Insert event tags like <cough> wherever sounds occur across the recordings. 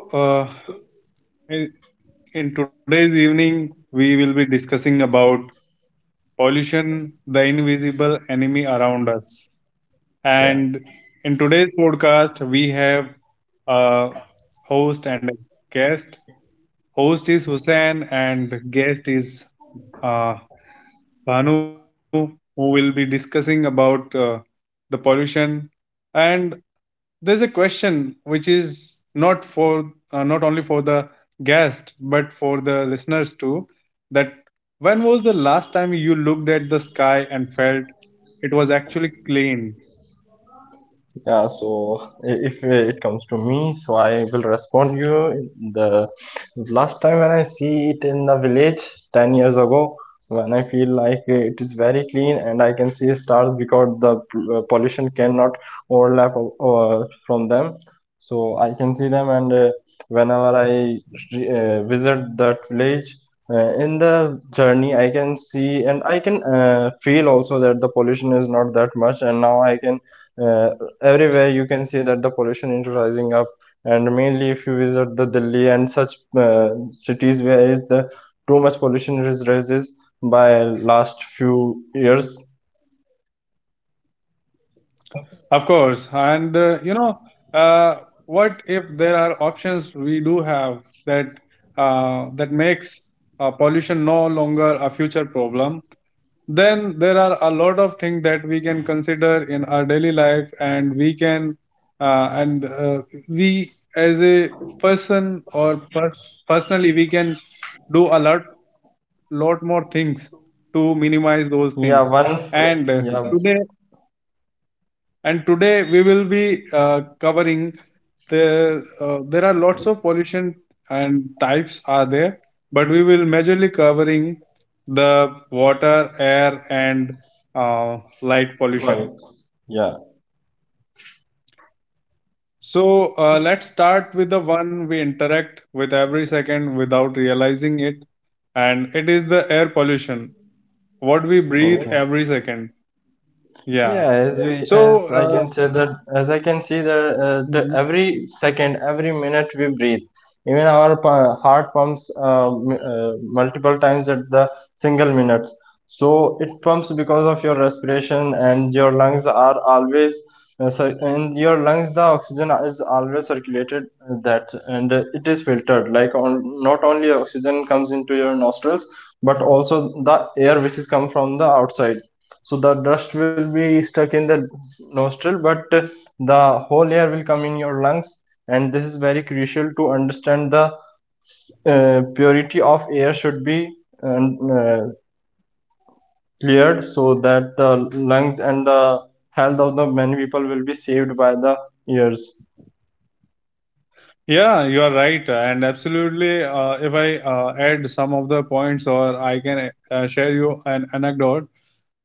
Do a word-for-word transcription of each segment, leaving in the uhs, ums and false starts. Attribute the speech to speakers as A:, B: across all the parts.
A: So, uh, in in today's evening, we will be discussing about pollution, the invisible enemy around us.
B: Yeah.
A: And in today's podcast, we have a host and a guest. Host is Hussein, and guest is uh, Bhanu, who will be discussing about uh, the pollution. And there's a question which is not for uh, not only for the guest but for the listeners too, that when was the last time you looked at the sky and felt it was actually clean?
B: Yeah, so i- if uh, it comes to me, so I will respond you. The last time when I see it in the village ten years ago, when I feel like uh, it is very clean and I can see stars because the p- uh, pollution cannot overlap o- uh, from them. So I can see them, and uh, whenever I re- uh, visit that village, uh, in the journey, I can see and I can uh, feel also that the pollution is not that much, and now I can. Uh, Everywhere you can see that the pollution is rising up, and mainly if you visit the delhi and such uh, cities where is the too much pollution is rises by last few years.
A: Of course, and uh, you know uh, what if there are options we do have that uh, that makes uh, pollution no longer a future problem? Then there are a lot of things that we can consider in our daily life, and we can uh, and uh, we, as a person, or pers- personally, we can do a lot lot more things to minimize those things.
B: Yeah, one.
A: and uh, today
B: Yeah.
A: and today we will be uh, covering the uh, there are lots of pollution and types are there, but we will majorly covering the water, air, and uh, light pollution.
B: Right. Yeah.
A: So, uh, let's start with the one we interact with every second without realizing it, and it is the air pollution, what we breathe
B: Okay.
A: every second. yeah
B: Yeah, as we as I can
A: so
B: say that as I can see the, uh, the
A: uh,
B: every second, every minute we breathe, even our pa- heart pumps uh, m- uh, multiple times at the single minute. So it pumps because of your respiration, and your lungs are always uh, cir- in your lungs the oxygen is always circulated uh, that and uh, it is filtered. Like on, not only oxygen comes into your nostrils, but also the air which is come from the outside, so the dust will be stuck in the nostril, but the whole air will come in your lungs, and this is very crucial to understand the uh, purity of air should be um, uh, cleared so that the lungs and the health of the many people will be saved by the ears.
A: Yeah, you are right, and absolutely. Uh, if I uh, add some of the points, or I can uh, share you an anecdote.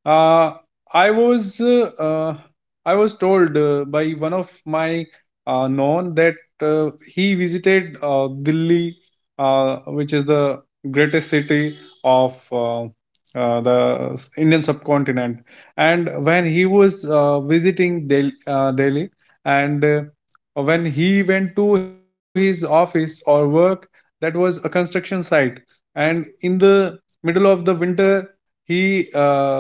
A: uh, I was uh, uh, I was told uh, by one of my uh, known that uh, he visited uh, Delhi, uh, which is the greatest city of uh, uh, the Indian subcontinent. And when he was uh, visiting Del- uh, Delhi, and uh, when he went to his office or work, that was a construction site. And in the middle of the winter, he uh,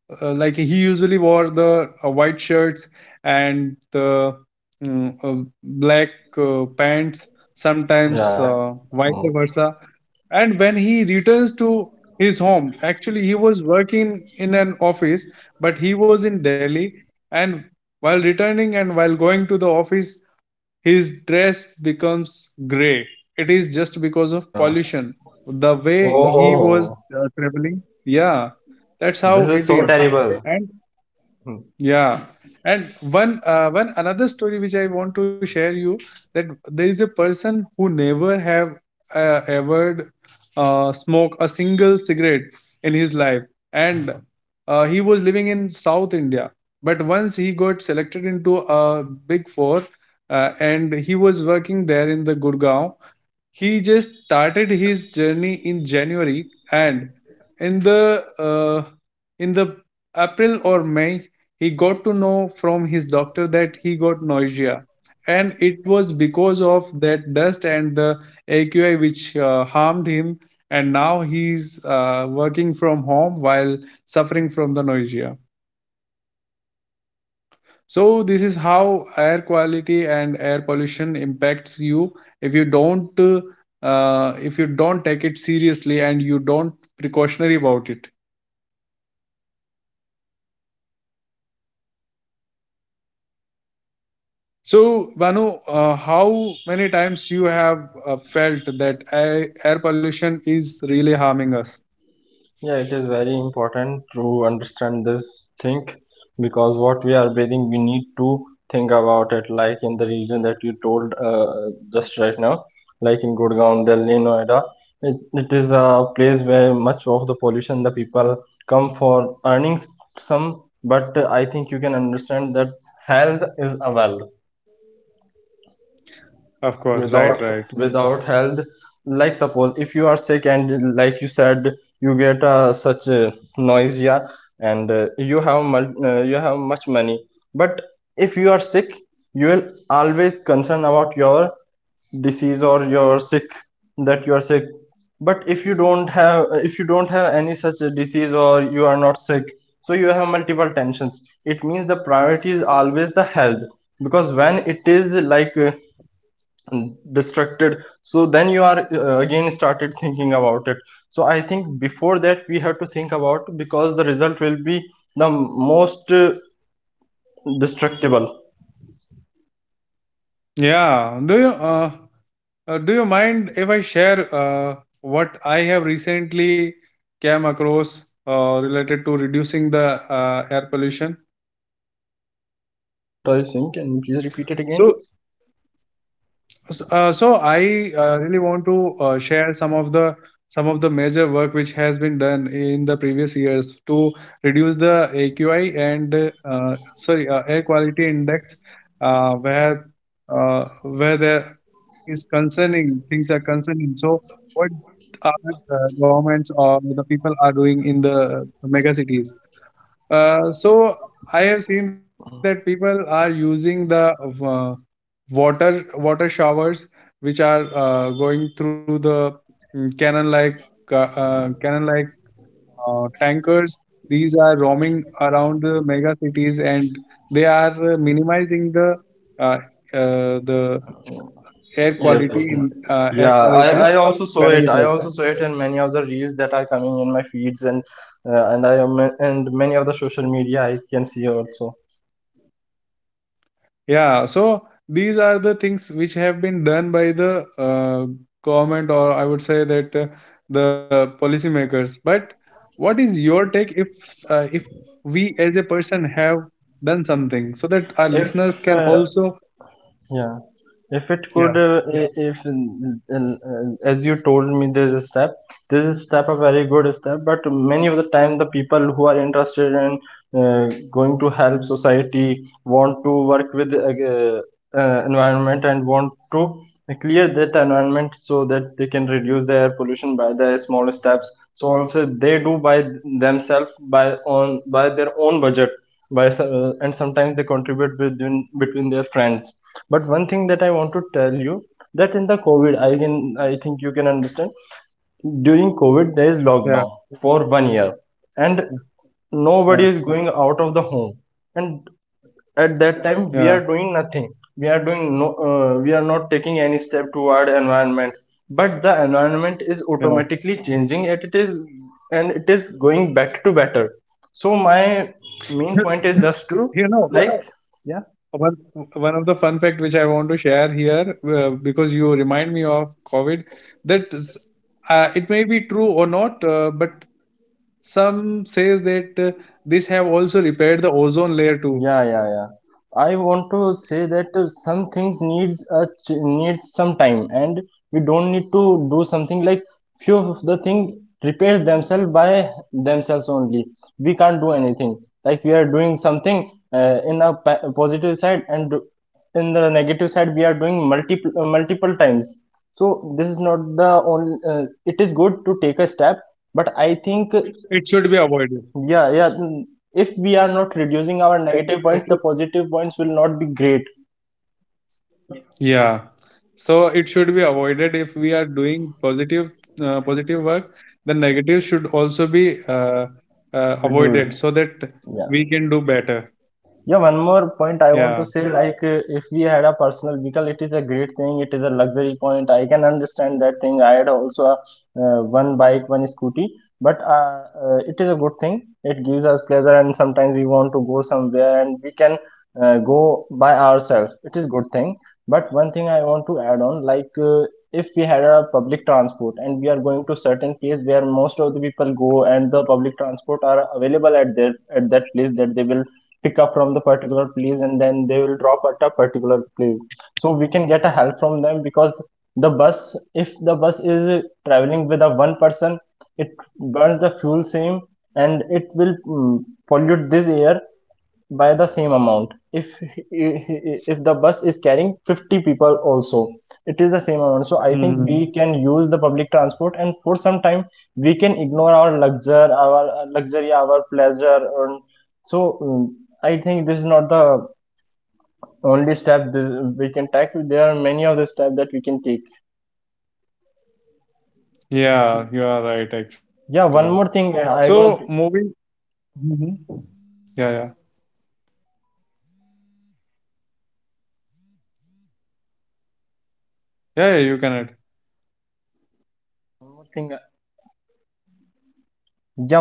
A: uh, like he usually wore the uh, white shirts and the mm, uh, black uh, pants, sometimes
B: Yeah.
A: uh, vice
B: Mm.
A: versa. And when he returns to his home, actually he was working in an office, but he was in Delhi, and while returning and while going to the office, his dress becomes gray. It is just because of
B: Yeah.
A: pollution. The
B: Oh,
A: way
B: oh,
A: he was
B: oh.
A: uh, traveling, yeah, that's how
B: This is
A: it
B: so
A: is.
B: terrible.
A: And
B: Hmm.
A: yeah. And one uh, one another story which I want to share you, that there is a person who never have uh, ever uh, smoke a single cigarette in his life, and uh, he was living in South India. But once he got selected into a big four, uh, and he was working there in the Gurgaon, he just started his journey in January, and in the uh, in the April or May, he got to know from his doctor that he got nausea, and it was because of that dust and the A Q I, which uh, harmed him. And now he's uh, working from home while suffering from the nausea. So this is how air quality and air pollution impacts you if you don't uh, uh, if you don't take it seriously and you don't precautionary about it. So Vanu, uh, how many times you have uh, felt that air, air pollution is really harming us?
B: Yeah, it is very important to understand this thing because what we are bathing, we need to think about it. Like in the region that you told uh, just right now, like in Gurgaon, Delhi, Noida, it, it is a place where much of the pollution, the people come for earnings some, but uh, I think you can understand that health is a wealth
A: Of course, right,
B: without
A: right.
B: without health, like suppose if you are sick and like you said you get uh, such a nausea, and uh, you have mul- uh, you have much money, but if you are sick you will always concern about your disease or your sick, that you are sick. But if you don't have if you don't have any such a disease or you are not sick, so you have multiple tensions. It means the priority is always the health, because when it is like uh, mm, distracted, so then you are uh, again started thinking about it. So I think before that we have to think about, because the result will be the most uh, destructible.
A: Yeah. Do you uh, uh, do you mind if I share uh, what I have recently came across uh, related to reducing the uh, air pollution?
B: Yeah, what are you saying? Can you please repeat it again? So,
A: So, uh, so I uh, really want to uh, share some of the some of the major work which has been done in the previous years to reduce the A Q I, and uh, sorry, uh, air quality index, uh, where uh, where there is concerning things are concerning. So, what are the governments or the people are doing in the mega cities? Uh, so, I have seen that people are using the uh, water water showers which are uh, going through the mm, cannon like uh, uh, cannon like uh, tankers. These are roaming around the mega cities, and they are uh, minimizing the uh, uh, the air
B: yeah. Yeah,
A: quality
B: okay.
A: in uh, air
B: Yeah, I, yeah,
A: quality
B: I also saw it. I
A: parameters.
B: also saw it in many of the reels that are coming in my feeds, and uh, and I am and many of the social media I can see also.
A: Yeah, so these are the things which have been done by the uh, government, or I would say that uh, the policymakers. But what is your take if uh, if we as a person have done something so that our
B: If
A: listeners can
B: uh,
A: also?
B: Yeah, if it
A: Yeah,
B: could, uh, Yeah. I- if n- n- n- As you told me, there's a step. This is step a very good step, but many of the time the people who are interested in uh, going to help society want to work with uh, uh, environment and want to clear that environment so that they can reduce the air pollution by the small steps. So also they do by themselves, by on by their own budget, by uh, and sometimes they contribute between between their friends. But one thing that I want to tell you, that in the covid I can, I think you can understand, during covid there is
A: yeah,
B: lockdown for one year, and
A: yeah,
B: nobody is going out of the home, and at that
A: yeah,
B: time we are doing nothing. We are doing no, uh, we are not taking any step toward environment, but the environment is
A: yeah.
B: automatically changing, and it is and it is going back to better. So my main
A: <laughs>
B: point is just to
A: You know,
B: like.
A: One, one of the fun fact which I want to share here, uh, because you remind me of COVID, that is, uh, it may be true or not, uh, but some says that uh, this have also repaired the ozone layer too.
B: Yeah, yeah, yeah. I want to say that uh, some things needs a ch needs some time, and we don't need to do something. Like few of the thing repairs themselves by themselves only. We can't do anything. Like we are doing something uh, in a pa- positive side, and do- in the negative side we are doing multiple uh, multiple times. So this is not the only. Uh, it is good to take a step, but I think
A: It should be avoided.
B: yeah, yeah. mm, If we are not reducing our
A: Uh,
B: negative
A: it-
B: points, the positive points will not be great
A: yeah, so it should be avoided if we are doing positive uh, positive work. Then negative should also be uh, uh, avoided
B: reduced.
A: so that
B: Yeah.
A: we can do better.
B: Yeah, one more point I want to
A: Yeah.
B: say like, uh, if we had a personal vehicle, it is a great thing, it is a luxury point. I can understand that thing. I had also a, uh, one bike, one scooty, but uh, uh, it is a good thing. It gives us pleasure, and sometimes we want to go somewhere and we can uh, go by ourselves. It is good thing. But one thing I want to add on, like, uh, if we had a public transport and we are going to certain place where most of the people go, and the public transport are available at their at that place, that they will pick up from the particular place and then they will drop at a particular place, so we can get a help from them. Because the bus, if the bus is traveling with a one person, it burns the fuel same, and it will mm, pollute this air by the same amount. if if the bus is carrying fifty people also, it is the same amount. So I think
A: Hmm.
B: we can use the public transport, and for some time we can ignore our luxury, our luxury, our pleasure, and so mm, I think this is not the only step we can take. There are many other steps that we can take.
A: Yeah, you are right actually.
B: Yeah, one more thing
A: So
B: I want.
A: moving, mhm, yeah, yeah, yeah, yeah, you can add.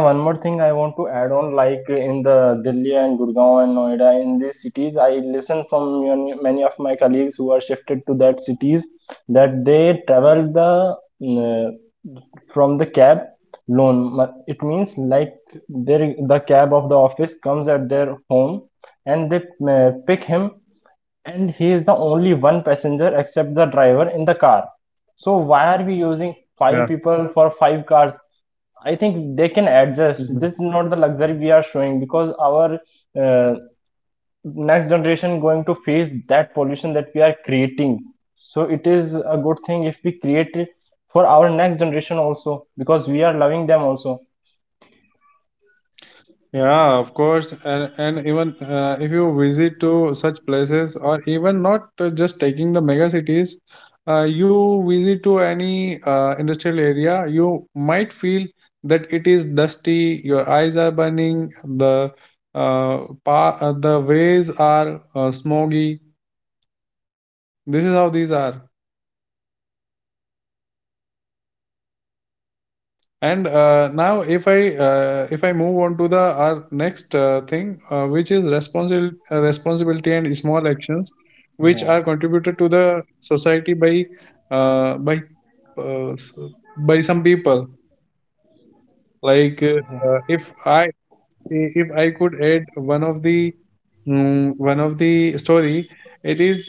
B: One more thing I want to add on, like uh, in the Delhi and Gurgaon and Noida, in these cities, I listen from many of my colleagues who are shifted to that cities, that they travel the mm, uh, from the cab loan. It means like their the cab of the office comes at their home, and they uh, pick him, and he is the only one passenger except the driver in the car. So why are we using
A: Yeah.
B: five people for five cars? I think they can adjust.
A: Mhm.
B: This is not the luxury we are showing, because our uh, next generation going to face that pollution that we are creating. So it is a good thing if we create it for our next generation also, because we are loving them also.
A: Yeah, of course, and and even uh, if you visit to such places, or even not uh, just taking the mega cities, uh, you visit to any uh, industrial area, you might feel that it is dusty. Your eyes are burning. The uh, pa- uh, the ways are uh, smoggy. This is how these are. And uh, now if i uh, if I move on to the our next uh, thing, uh, which is responsibility uh, responsibility and small actions which are
B: Yeah,
A: contributed to the society by uh, by uh, s- by some people. Like uh, uh, if i I- if I could add one of the mm, one of the story, it is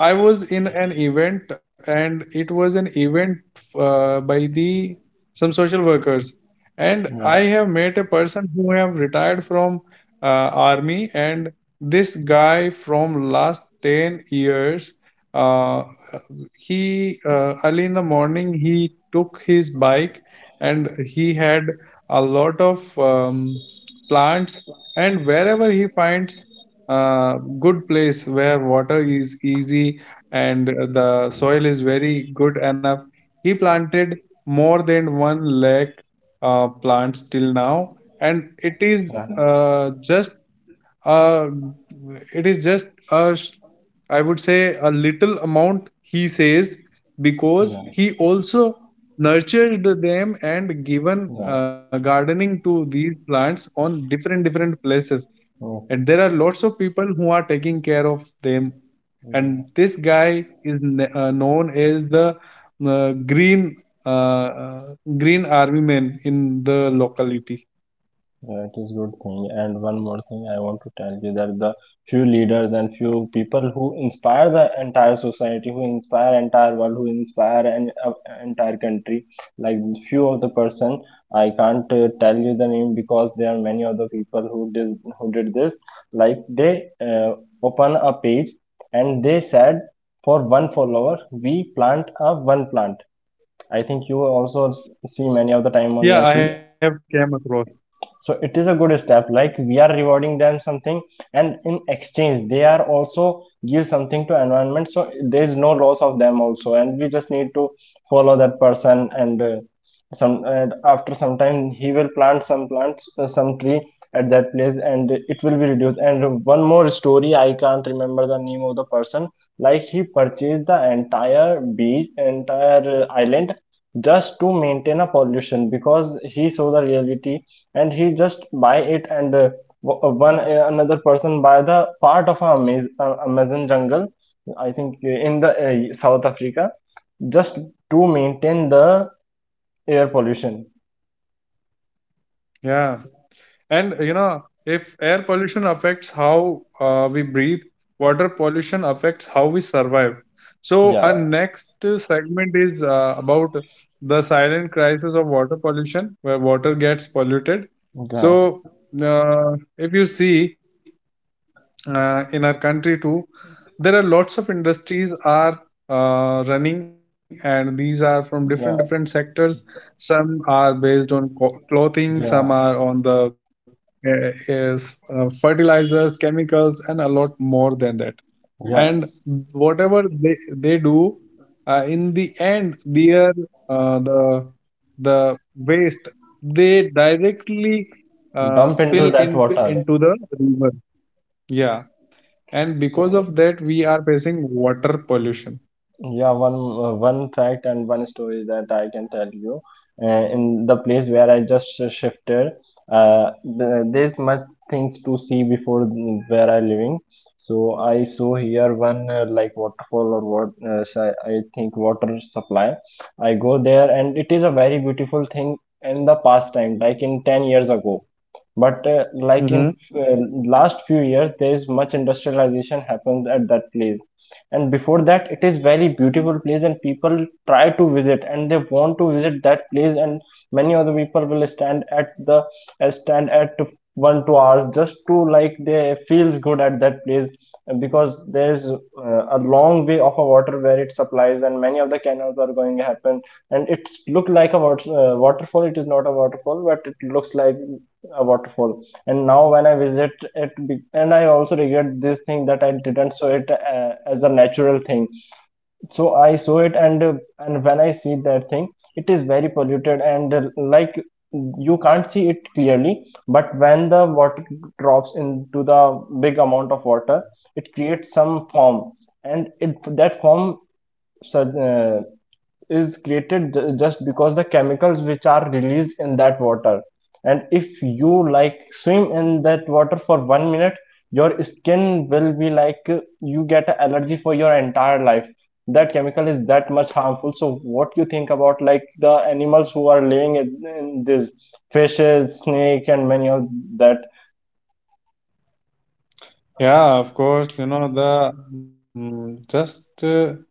A: I was in an event, and it was an event uh, by the some social workers, and I
B: yeah,
A: have met a person who have retired from uh, army, and this guy from last ten years, uh, he uh, early in the morning he took his bike, and he had a lot of um, plants, and wherever he finds a good place where water is easy and the soil is very good enough, he planted more than one lakh uh, plants till now, and it is
B: yeah,
A: uh, just uh, it is just a sh- I would say a little amount, he says, because
B: yeah,
A: he also nurtured them and given
B: yeah.
A: uh, gardening to these plants on different different places,
B: Yeah.
A: and there are lots of people who are taking care of them, and
B: Yeah.
A: this guy is kn- uh, known as the uh, green uh, uh, green army man in the locality.
B: That is good thing. And one more thing I want to tell you, that the few leaders and few people who inspire the entire society, who inspire entire world, who inspire an uh, entire country, like few of the person, I can't uh, tell you the name, because there are many other people who did who did this. Like they uh, open a page and they said for one follower we plant a one plant. I think you also see many of the time on your
A: Yeah, I
B: feed.
A: have came across.
B: So it is a good step, like we are rewarding them something, and in exchange they are also give something to environment. So there is no loss of them also, and we just need to follow that person, and uh, some, and after some time he will plant some plants, uh, some tree at that place, and it will be reduced. And one more story, I can't remember the name of the person. Like he purchased the entire beach, entire uh, island, just to maintain a pollution, because he saw the reality, and he just buy it. And uh, uh, one, uh, another person buy the part of a Amaz- uh, amazon jungle, I think uh, in the uh, south africa, just to maintain the air pollution.
A: Yeah. And you know, if air pollution affects how uh, we breathe, water pollution affects how we survive. So our
B: Yeah,
A: next uh, segment is uh, about the silent crisis of water pollution, where water gets polluted.
B: yeah,
A: So uh, if you see uh, in our country too, there are lots of industries are uh, running, and these are from different different
B: yeah,
A: sectors. Some are based on co- clothing, some
B: yeah,
A: are on the uh, is, uh, fertilizers, chemicals, and a lot more than that.
B: yeah.
A: And whatever they, they do, uh, in the end their uh, the the waste they directly uh,
B: Dump into
A: spill
B: that
A: in
B: water.
A: into the river. Yeah, and because
B: So,
A: of that we are facing water pollution.
B: yeah, one, uh, one fact and one story that I can tell you. Uh, in the place where I just sh- shifted, uh, th- there's much things to see before th- where I living. So I saw here one uh, like waterfall or what uh, s- I think water supply. I go there and it is a very beautiful thing in the past time, like in ten years ago. But uh, like in
A: Mm-hmm.
B: uh, last few years, there is much industrialization happens at that place. And before that, it is very beautiful place, and people try to visit, and they want to visit that place. And many other people will stand at the uh, stand at one two hours just to, like, they feels good at that place uh, because there's uh, a long way of a water where it supplies, and many of the canals are going to happen, and it looked like a water, uh, waterfall. It is not a waterfall, but it looks like a waterfall. And now when I visit it, and I also regret this thing that I didn't saw it uh, as a natural thing. So I saw it and uh, and when I see that thing, it is very polluted and, uh, like, you can't see it clearly. But when the water drops into the big amount of water, it creates some foam, and it that foam sur- uh, is created ju- just because the chemicals which are released in that water. And if you, like, swim in that water for one minute, your skin will be like, uh, you get a allergy for your entire life. That chemical is that much harmful. So what you think about, like, the animals who are living in, in this? Fishes, snake, and many of that.
A: Yeah, of course, you know, the mm, just uh,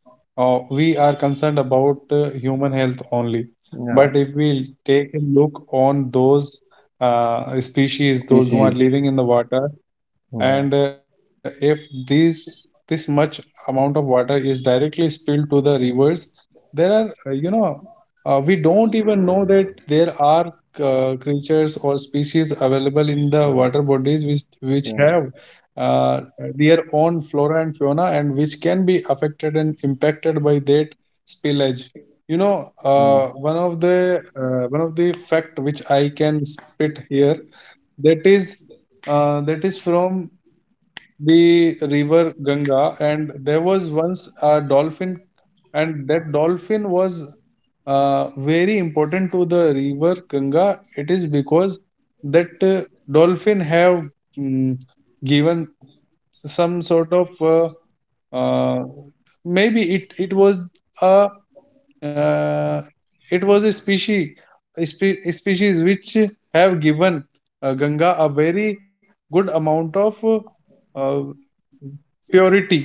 A: uh, we are concerned about uh, human health only,
B: yeah
A: but
B: bu-
A: if we take a look on those uh, species, those who are
B: Species.
A: living in the water, and uh, if this this much amount of water is directly spilled to the rivers, there are uh, you know, uh, we don't even know that there are uh, creatures or species available in the
B: Yeah.
A: water bodies which which
B: Yeah.
A: have uh, their own flora and fauna, and which can be affected and impacted by that spillage. You know, uh,
B: Yeah.
A: one of the uh, one of the fact which I can spit here, that is uh, that is from the river Ganga, and there was once a dolphin, and that dolphin was uh, very important to the river Ganga. It is because that uh, dolphin have mm, given some sort of uh, uh, maybe it it was a uh, it was a species a spe- a species which have given uh, Ganga a very good amount of uh, purity.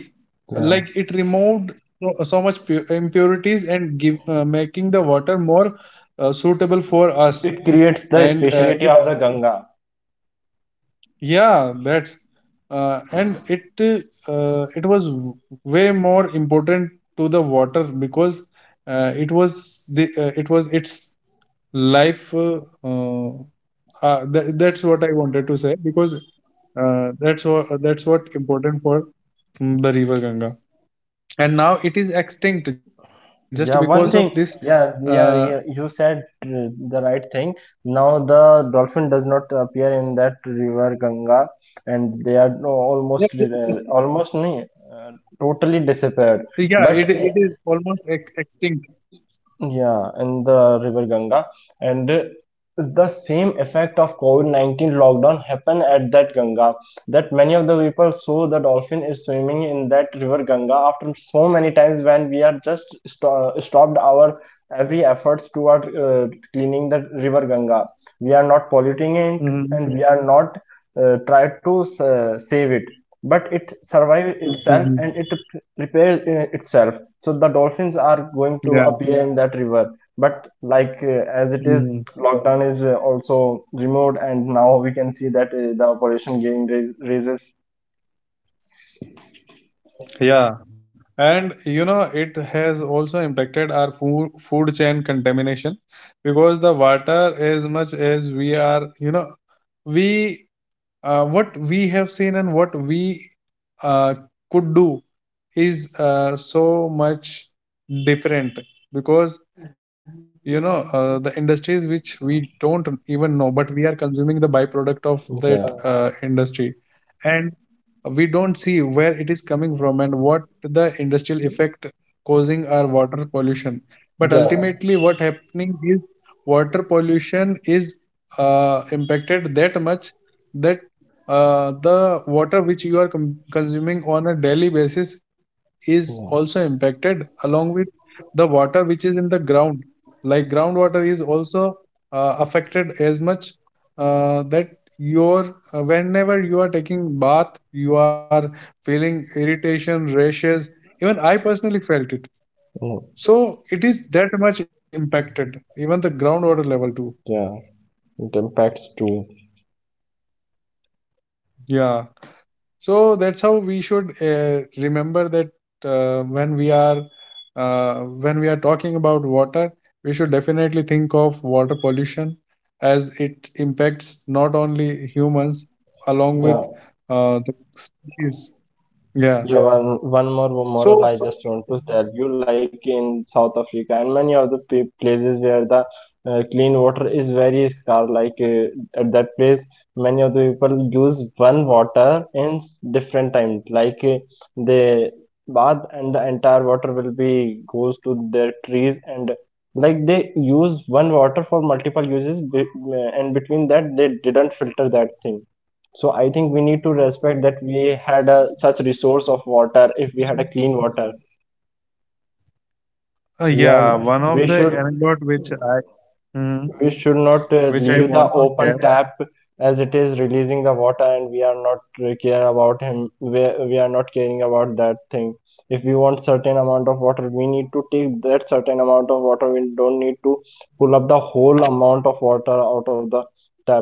B: Yeah.
A: Like it removed so, so much pu- impurities and give uh, making the water more uh, suitable for us.
B: It creates the
A: And uh,
B: speciality
A: it
B: of the Ganga.
A: yeah that's uh, and it uh, it was w- way more important to the water because uh, it was the uh, it was its life uh, uh, uh, tha- that's what I wanted to say, because uh, that's what that's what important for mm, the river Ganga, and now it is extinct just because of
B: Yeah,
A: this.
B: one thing.
A: uh,
B: Yeah, yeah, yeah. You said uh, the right thing. Now the dolphin does not appear in that river Ganga, and they are no-
A: yeah
B: almost,
A: it,
B: uh, almost nahi, uh, totally disappeared.
A: yeah,
B: But,
A: it it is almost ex- extinct.
B: yeah, in the river Ganga. And uh, The same effect of COVID nineteen lockdown happened at that Ganga, that many of the people saw the dolphin is swimming in that river Ganga after so many times, when we are just sto stopped our every efforts toward uh, cleaning the river Ganga. We are not polluting it,
A: Hmm.
B: and we are not uh, try to uh, save it, but it survive itself
A: Hmm.
B: and it repairs itself. So the dolphins are going to
A: Yeah.
B: appear in that river. But, like, uh, as it is,
A: Mhm.
B: lockdown is uh, also removed, and now we can see that, uh, the operation gain rais- raises.
A: Yeah, and you know it has also impacted our food food chain contamination because the water, as much as we are, you know we, uh, what we have seen and what we uh, could do is uh, so much different because you know uh, the industries which we don't even know, but we are consuming the byproduct of that
B: Yeah.
A: uh, industry, and we don't see where it is coming from and what the industrial effect causing our water pollution. But
B: Yeah.
A: ultimately what happening is water pollution is uh, impacted that much that uh, the water which you are com- consuming on a daily basis is also impacted, along with the water which is in the ground. Like groundwater is also uh, affected as much, uh, that your, uh, whenever you are taking bath, you are feeling irritation, rashes. Even I personally felt it.
B: Yeah.
A: So it is that much impacted, even the groundwater level too.
B: Yeah. It impacts too.
A: Yeah. So that's how we should uh, remember that, uh, when we are uh, when we are talking about water, we should definitely think of water pollution, as it impacts not only humans, along
B: Yeah.
A: with uh, the species.
B: Yeah,
A: Yeah.
B: one one more moral I
A: So
B: just want to tell you, like, in South Africa and many of the pa- places where the uh, clean water is very scarce, like, uh, at that place many of the people use one water in s- different times, like, uh, they bath and the entire water will be goes to their trees, and, like, they use one water for multiple uses be- uh, and between that they didn't filter that thing. So I think we need to respect that we had a, such resource of water, if we had a clean water.
A: uh,
B: We are,
A: yeah, one of
B: we
A: the
B: should,
A: anecdote which I, mhm,
B: we should not uh,
A: which I
B: leave the
A: want to
B: open
A: share.
B: tap as it is releasing the water, and we are not uh, care about him. we, we are not caring about that thing. If we want certain amount of water, we need to take that certain amount of water. We don't need to pull up the whole amount of water out of the tap.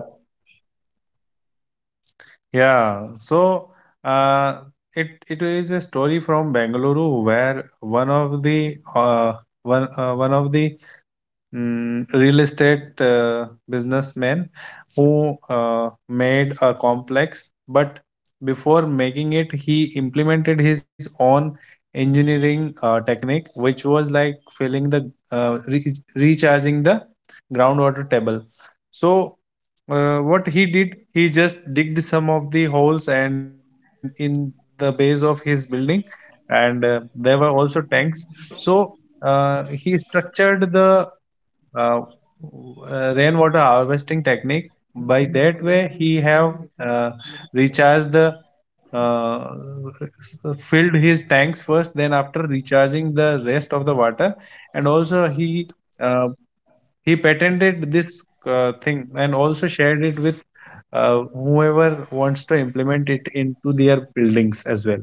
A: Yeah, so, uh, it it is a story from Bengaluru, where one of the uh, one uh, one of the mm, real estate uh, businessmen who uh, made a complex. But before making it, he implemented his own engineering uh, technique, which was like filling the uh, re recharging the groundwater table. So uh, what he did, he just digged some of the holes and in the base of his building, and uh, there were also tanks. So uh, he structured the uh, uh, rainwater harvesting technique. By that way, he have uh, recharged the, uh, filled his tanks first, then after recharging the rest of the water, and also he. Uh, he patented this uh, thing and also shared it with uh, whoever wants to implement it into their buildings as well.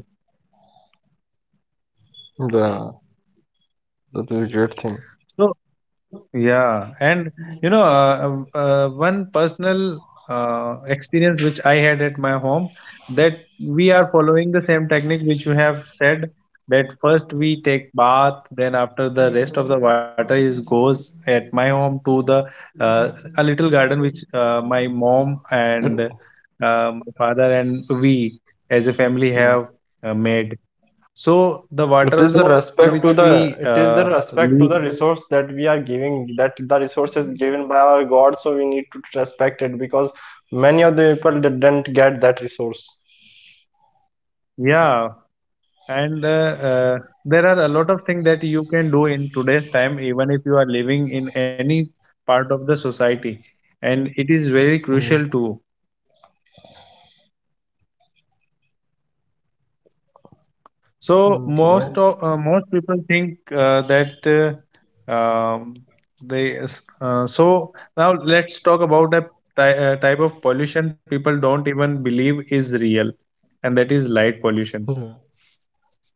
B: Yeah, that is a great thing.
A: So yeah, and you know, uh, uh, uh, one personal uh, experience which I had at my home, that we are following the same technique which you have said, that first we take bath, then after the rest of the water is goes at my home to the, uh, a little garden which uh, my mom and uh, my father and we as a family have
B: Yeah.
A: uh, made. So the
B: It is
A: water
B: the so,
A: which
B: respect to
A: we
B: the,
A: uh,
B: it is the
A: leave,
B: respect to the resource that we are giving, that the resource is given by our God, so we need to respect it because many of the people didn't get that resource.
A: yeah. And uh, uh, there are a lot of things that you can do in today's time, even if you are living in any part of the society. And it is very crucial too.
B: Mm. Mm,
A: So
B: right.
A: most of, uh, most people think uh, that uh, um, they, uh, so now let's talk about a ty uh, type of pollution people don't even believe is real, and that is light pollution.
B: Yeah.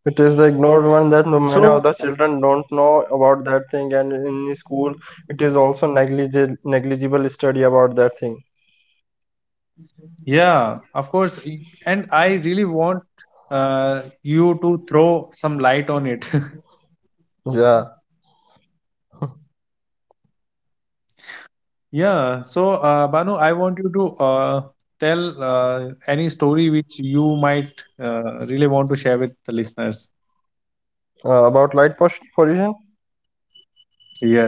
B: It is the ignored one that no- many
A: So
B: of the children don't know about that thing, and in school it is also negligible, negligible study about that thing.
A: yeah, of course. y- And I really want uh, you to throw some light on it. <laughs>
B: Yeah.
A: Yeah. So, uh, Banu, I want you to uh, tell uh, any story which you might uh, really want to share with the listeners.
B: Uh, about light pos- pollution.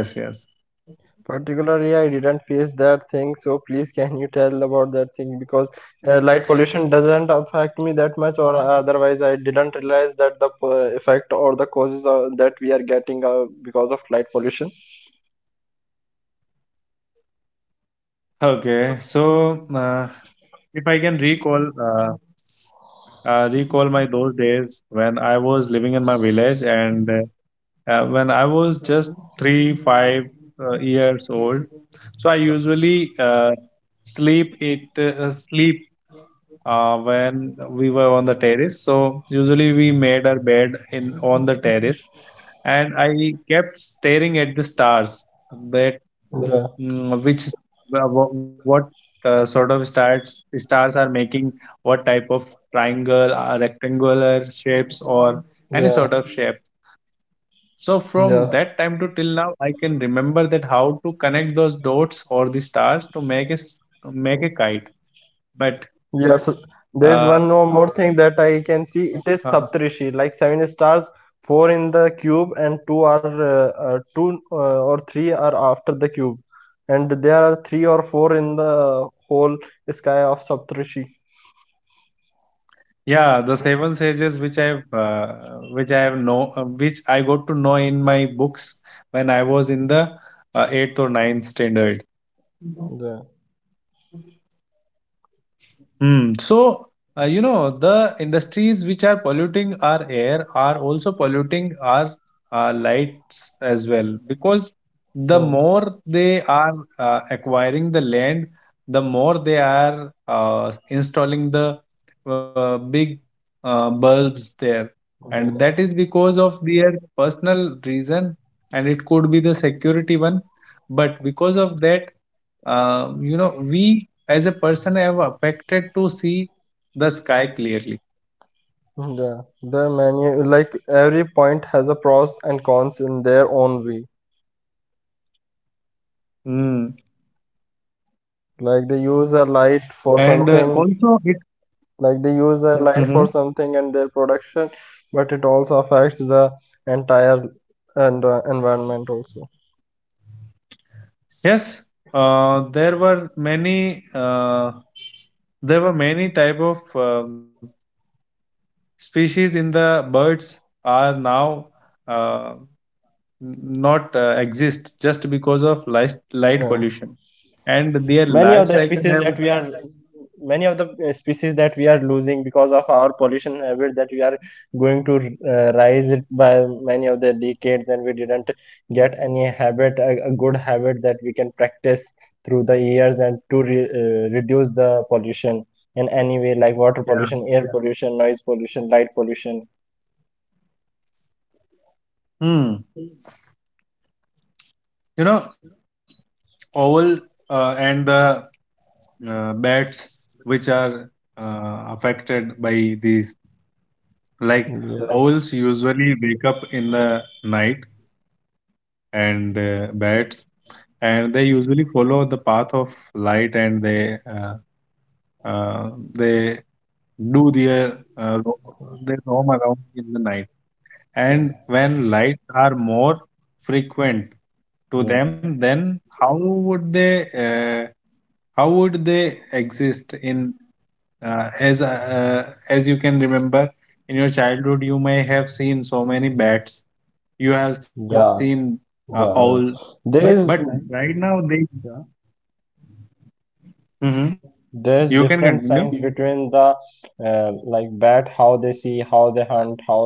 A: Yes, yes.
B: Particularly, I didn't face that thing, so please can you tell about that thing? Because, uh, light pollution doesn't affect me that much, or, uh, otherwise, I didn't realize that the, uh, effect or the causes, uh, that we are getting, uh, because of light pollution.
A: Okay. So, uh, if I can recall, uh, uh, recall my those days when I was living in my village. And uh, uh, when I was just three, five uh, years old, so I usually uh, sleep it uh, sleep uh, when we were on the terrace. So usually we made our bed in on the terrace, and I kept staring at the stars. That,
B: Yeah,
A: mm, which, what, what uh, sort of stars stars are making what type of triangle, uh, rectangular shapes, or any
B: yeah,
A: sort of shape. So from
B: yeah.
A: that time to till now, I can remember that how to connect those dots or the stars to make a s- make a kite. But
B: Yes, there is
A: uh,
B: one more more thing that I can
A: uh,
B: see. It is Saptarishi, like seven stars, four in the cube, and two are uh, uh, two, uh, or three are after the cube, and there are three or four in the whole sky of Saptarishi.
A: yeah, the seven sages which I've uh, which I have know uh, which I got to know in my books when I was in the uh, eighth or ninth standard.
B: Yeah,
A: Hmm. So, uh, you know, the industries which are polluting our air are also polluting our uh, lights as well, because the
B: yeah,
A: more they are uh, acquiring the land, the more they are uh, installing the uh, big uh, bulbs there. And
B: yeah.
A: that is because of their personal reason, and it could be the security one. But because of that, uh, you know, we as a person have affected to see the sky clearly.
B: Yeah, the menu, like every point has a pros and cons in their own way.
A: Mm.
B: Like they use a light
A: And
B: for
A: uh, also
B: something,
A: it,
B: like they use a light
A: mhm,
B: for something and their production, but it also affects the entire and, uh, environment also.
A: yes. uh, there were many uh, there were many type of um species in the birds are now uh, not uh, exist just because of light,
B: Yeah,
A: light pollution, and
B: many of
A: their
B: the
A: life
B: species that
A: cycle
B: we are,
A: have,
B: many of the, uh, species that we are losing because of our pollution habit, that we are going to, uh, rise it by many of the decades, and we didn't get any habit, a, a good habit that we can practice through the years and to re- uh, reduce the pollution in any way, like water
A: yeah,
B: pollution, air pollution, noise pollution, light pollution.
A: hmm. You know, owl uh, and the uh, bats, which are uh, affected by these, like
B: Yeah,
A: owls usually wake up in the night, and uh,
B: yeah,
A: bats, and they usually follow the path of light, and they uh, uh, they do their uh, ro- they roam around in the night. And
B: yeah,
A: when lights are more frequent to
B: yeah,
A: them, then how would they, uh, how would they exist in, uh, as uh, as you can remember in your childhood, you may have seen so many bats, you have seen
B: yeah.
A: uh, owl.
B: Yeah. Yeah. There But
A: But
B: is.
A: right now they,
B: Yeah,
A: mhm, you can continue.
B: there's different science between the, uh, like, bat, how they see, how they hunt, how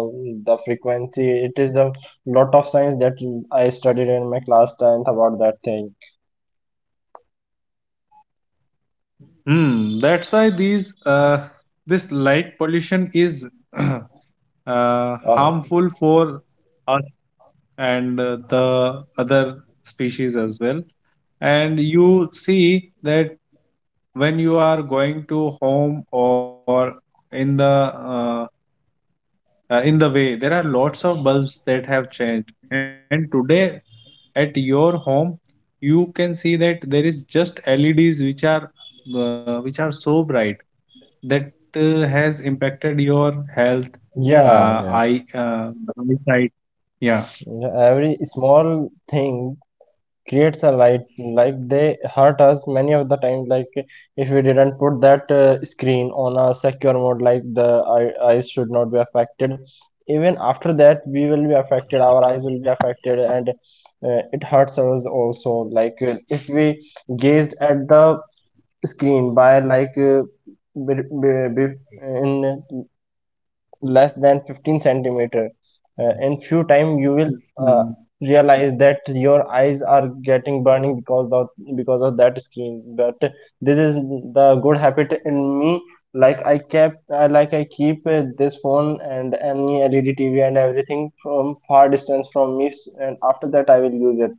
B: the frequency it is. The lot of science that I studied in my class tenth about that thing.
A: Hmm, that's why these uh, this light pollution is <clears throat> uh,
B: Uh,
A: harmful for us, and uh, the other species as well. And you see that when you are going to home, or in the, uh, uh, in the way, there are lots of bulbs that have changed, and today at your home, you can see that there is just L E Ds which are uh, which are so bright that uh, has impacted your health,
B: yeah.
A: uh,
B: Yeah.
A: eye, uh, eyesight. Yeah,
B: Yeah, every small things creates a light, like they hurt us many of the time. Like if we didn't put that, uh, screen on a secure mode, like the eye- eyes should not be affected, even after that we will be affected, our eyes will be affected, and, uh, it hurts us also, like, uh, if we gazed at the screen by like, uh, be, be, be- in less than fifteen centimeter. Uh, in few time, you will, uh,
A: mm,
B: realize that your eyes are getting burning because of, because of that screen. But this is the good habit in me. Like I kept, uh, like I keep, uh, this phone and any L E D T V and everything from far distance from me, and after that I will use it.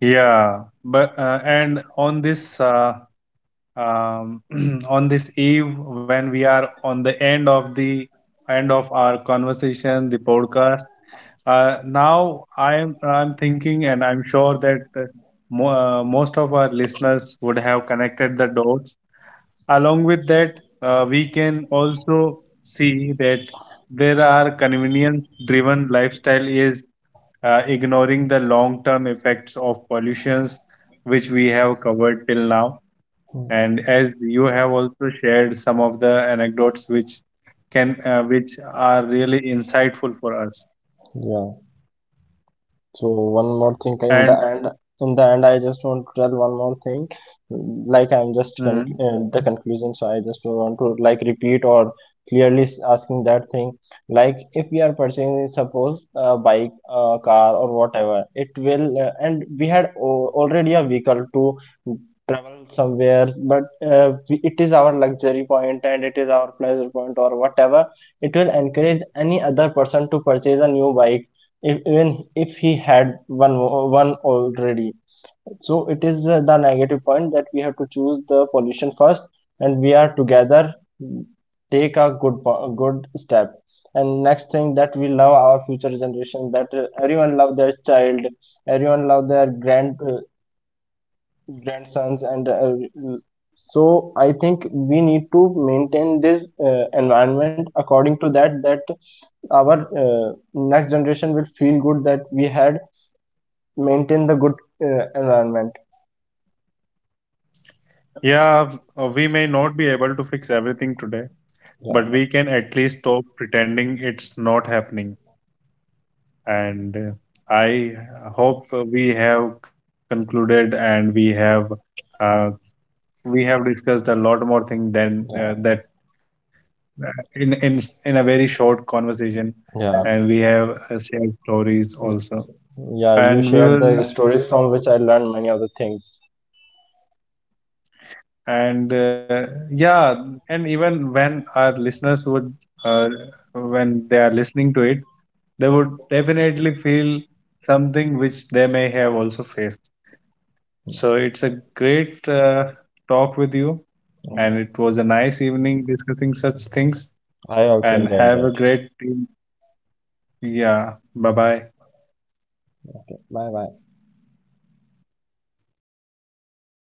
A: yeah. But uh, and on this uh, um, <clears throat> on this eve, when we are on the end of the end of our conversation, the podcast. Uh, now I'm I'm thinking, and I'm sure that uh, mo uh, most of our listeners would have connected the dots. Along with that, uh, we can also see that there are convenience-driven lifestyle is uh, ignoring the long-term effects of pollutions, which we have covered till now.
B: Mm.
A: And as you have also shared some of the anecdotes which can uh, which are really insightful for us.
B: Yeah. So one more thing in the
A: And,
B: end, in the end, I just want to tell one more thing. Like, I'm just con
A: mhm,
B: uh, the conclusion, so I just want to, like, repeat or clearly asking that thing. Like if we are purchasing, suppose a bike, a car, or whatever, it will, uh, and we had already a vehicle to travel somewhere, but, uh, it is our luxury point and it is our pleasure point or whatever. It will encourage any other person to purchase a new bike if, even if he had one one already. So it is, uh, the negative point that we have to choose the pollution first, and we are together, mm, take a good, good step. And next thing, that we love our future generation, that, uh, everyone love their child, everyone love their grand uh, grandsons and, uh, mm, so I think we need to maintain this, uh, environment according to that, that our, uh, next generation will feel good that we had maintain the good, uh, environment.
A: yeah, uh, we may not be able to fix everything today,
B: Yeah,
A: but we can at least stop pretending it's not happening. And uh, I hope uh, we have concluded, and we have uh, we have discussed a lot more thing than
B: yeah,
A: uh, that uh, in in in a very short conversation,
B: yeah.
A: and we have uh, shared
B: Mm,
A: stories also.
B: yeah. You shared the
A: And we
B: stories
A: will,
B: from which I learned many other things.
A: and uh, yeah, and even when our listeners would, uh, when they are listening to it, they would definitely feel something which they may have also faced. So it's a great uh, talk with you,
B: Okay,
A: and it was a nice evening discussing such things.
B: I also
A: And
B: enjoyed that.
A: have a great, yeah, bye bye.
B: Okay, bye, bye.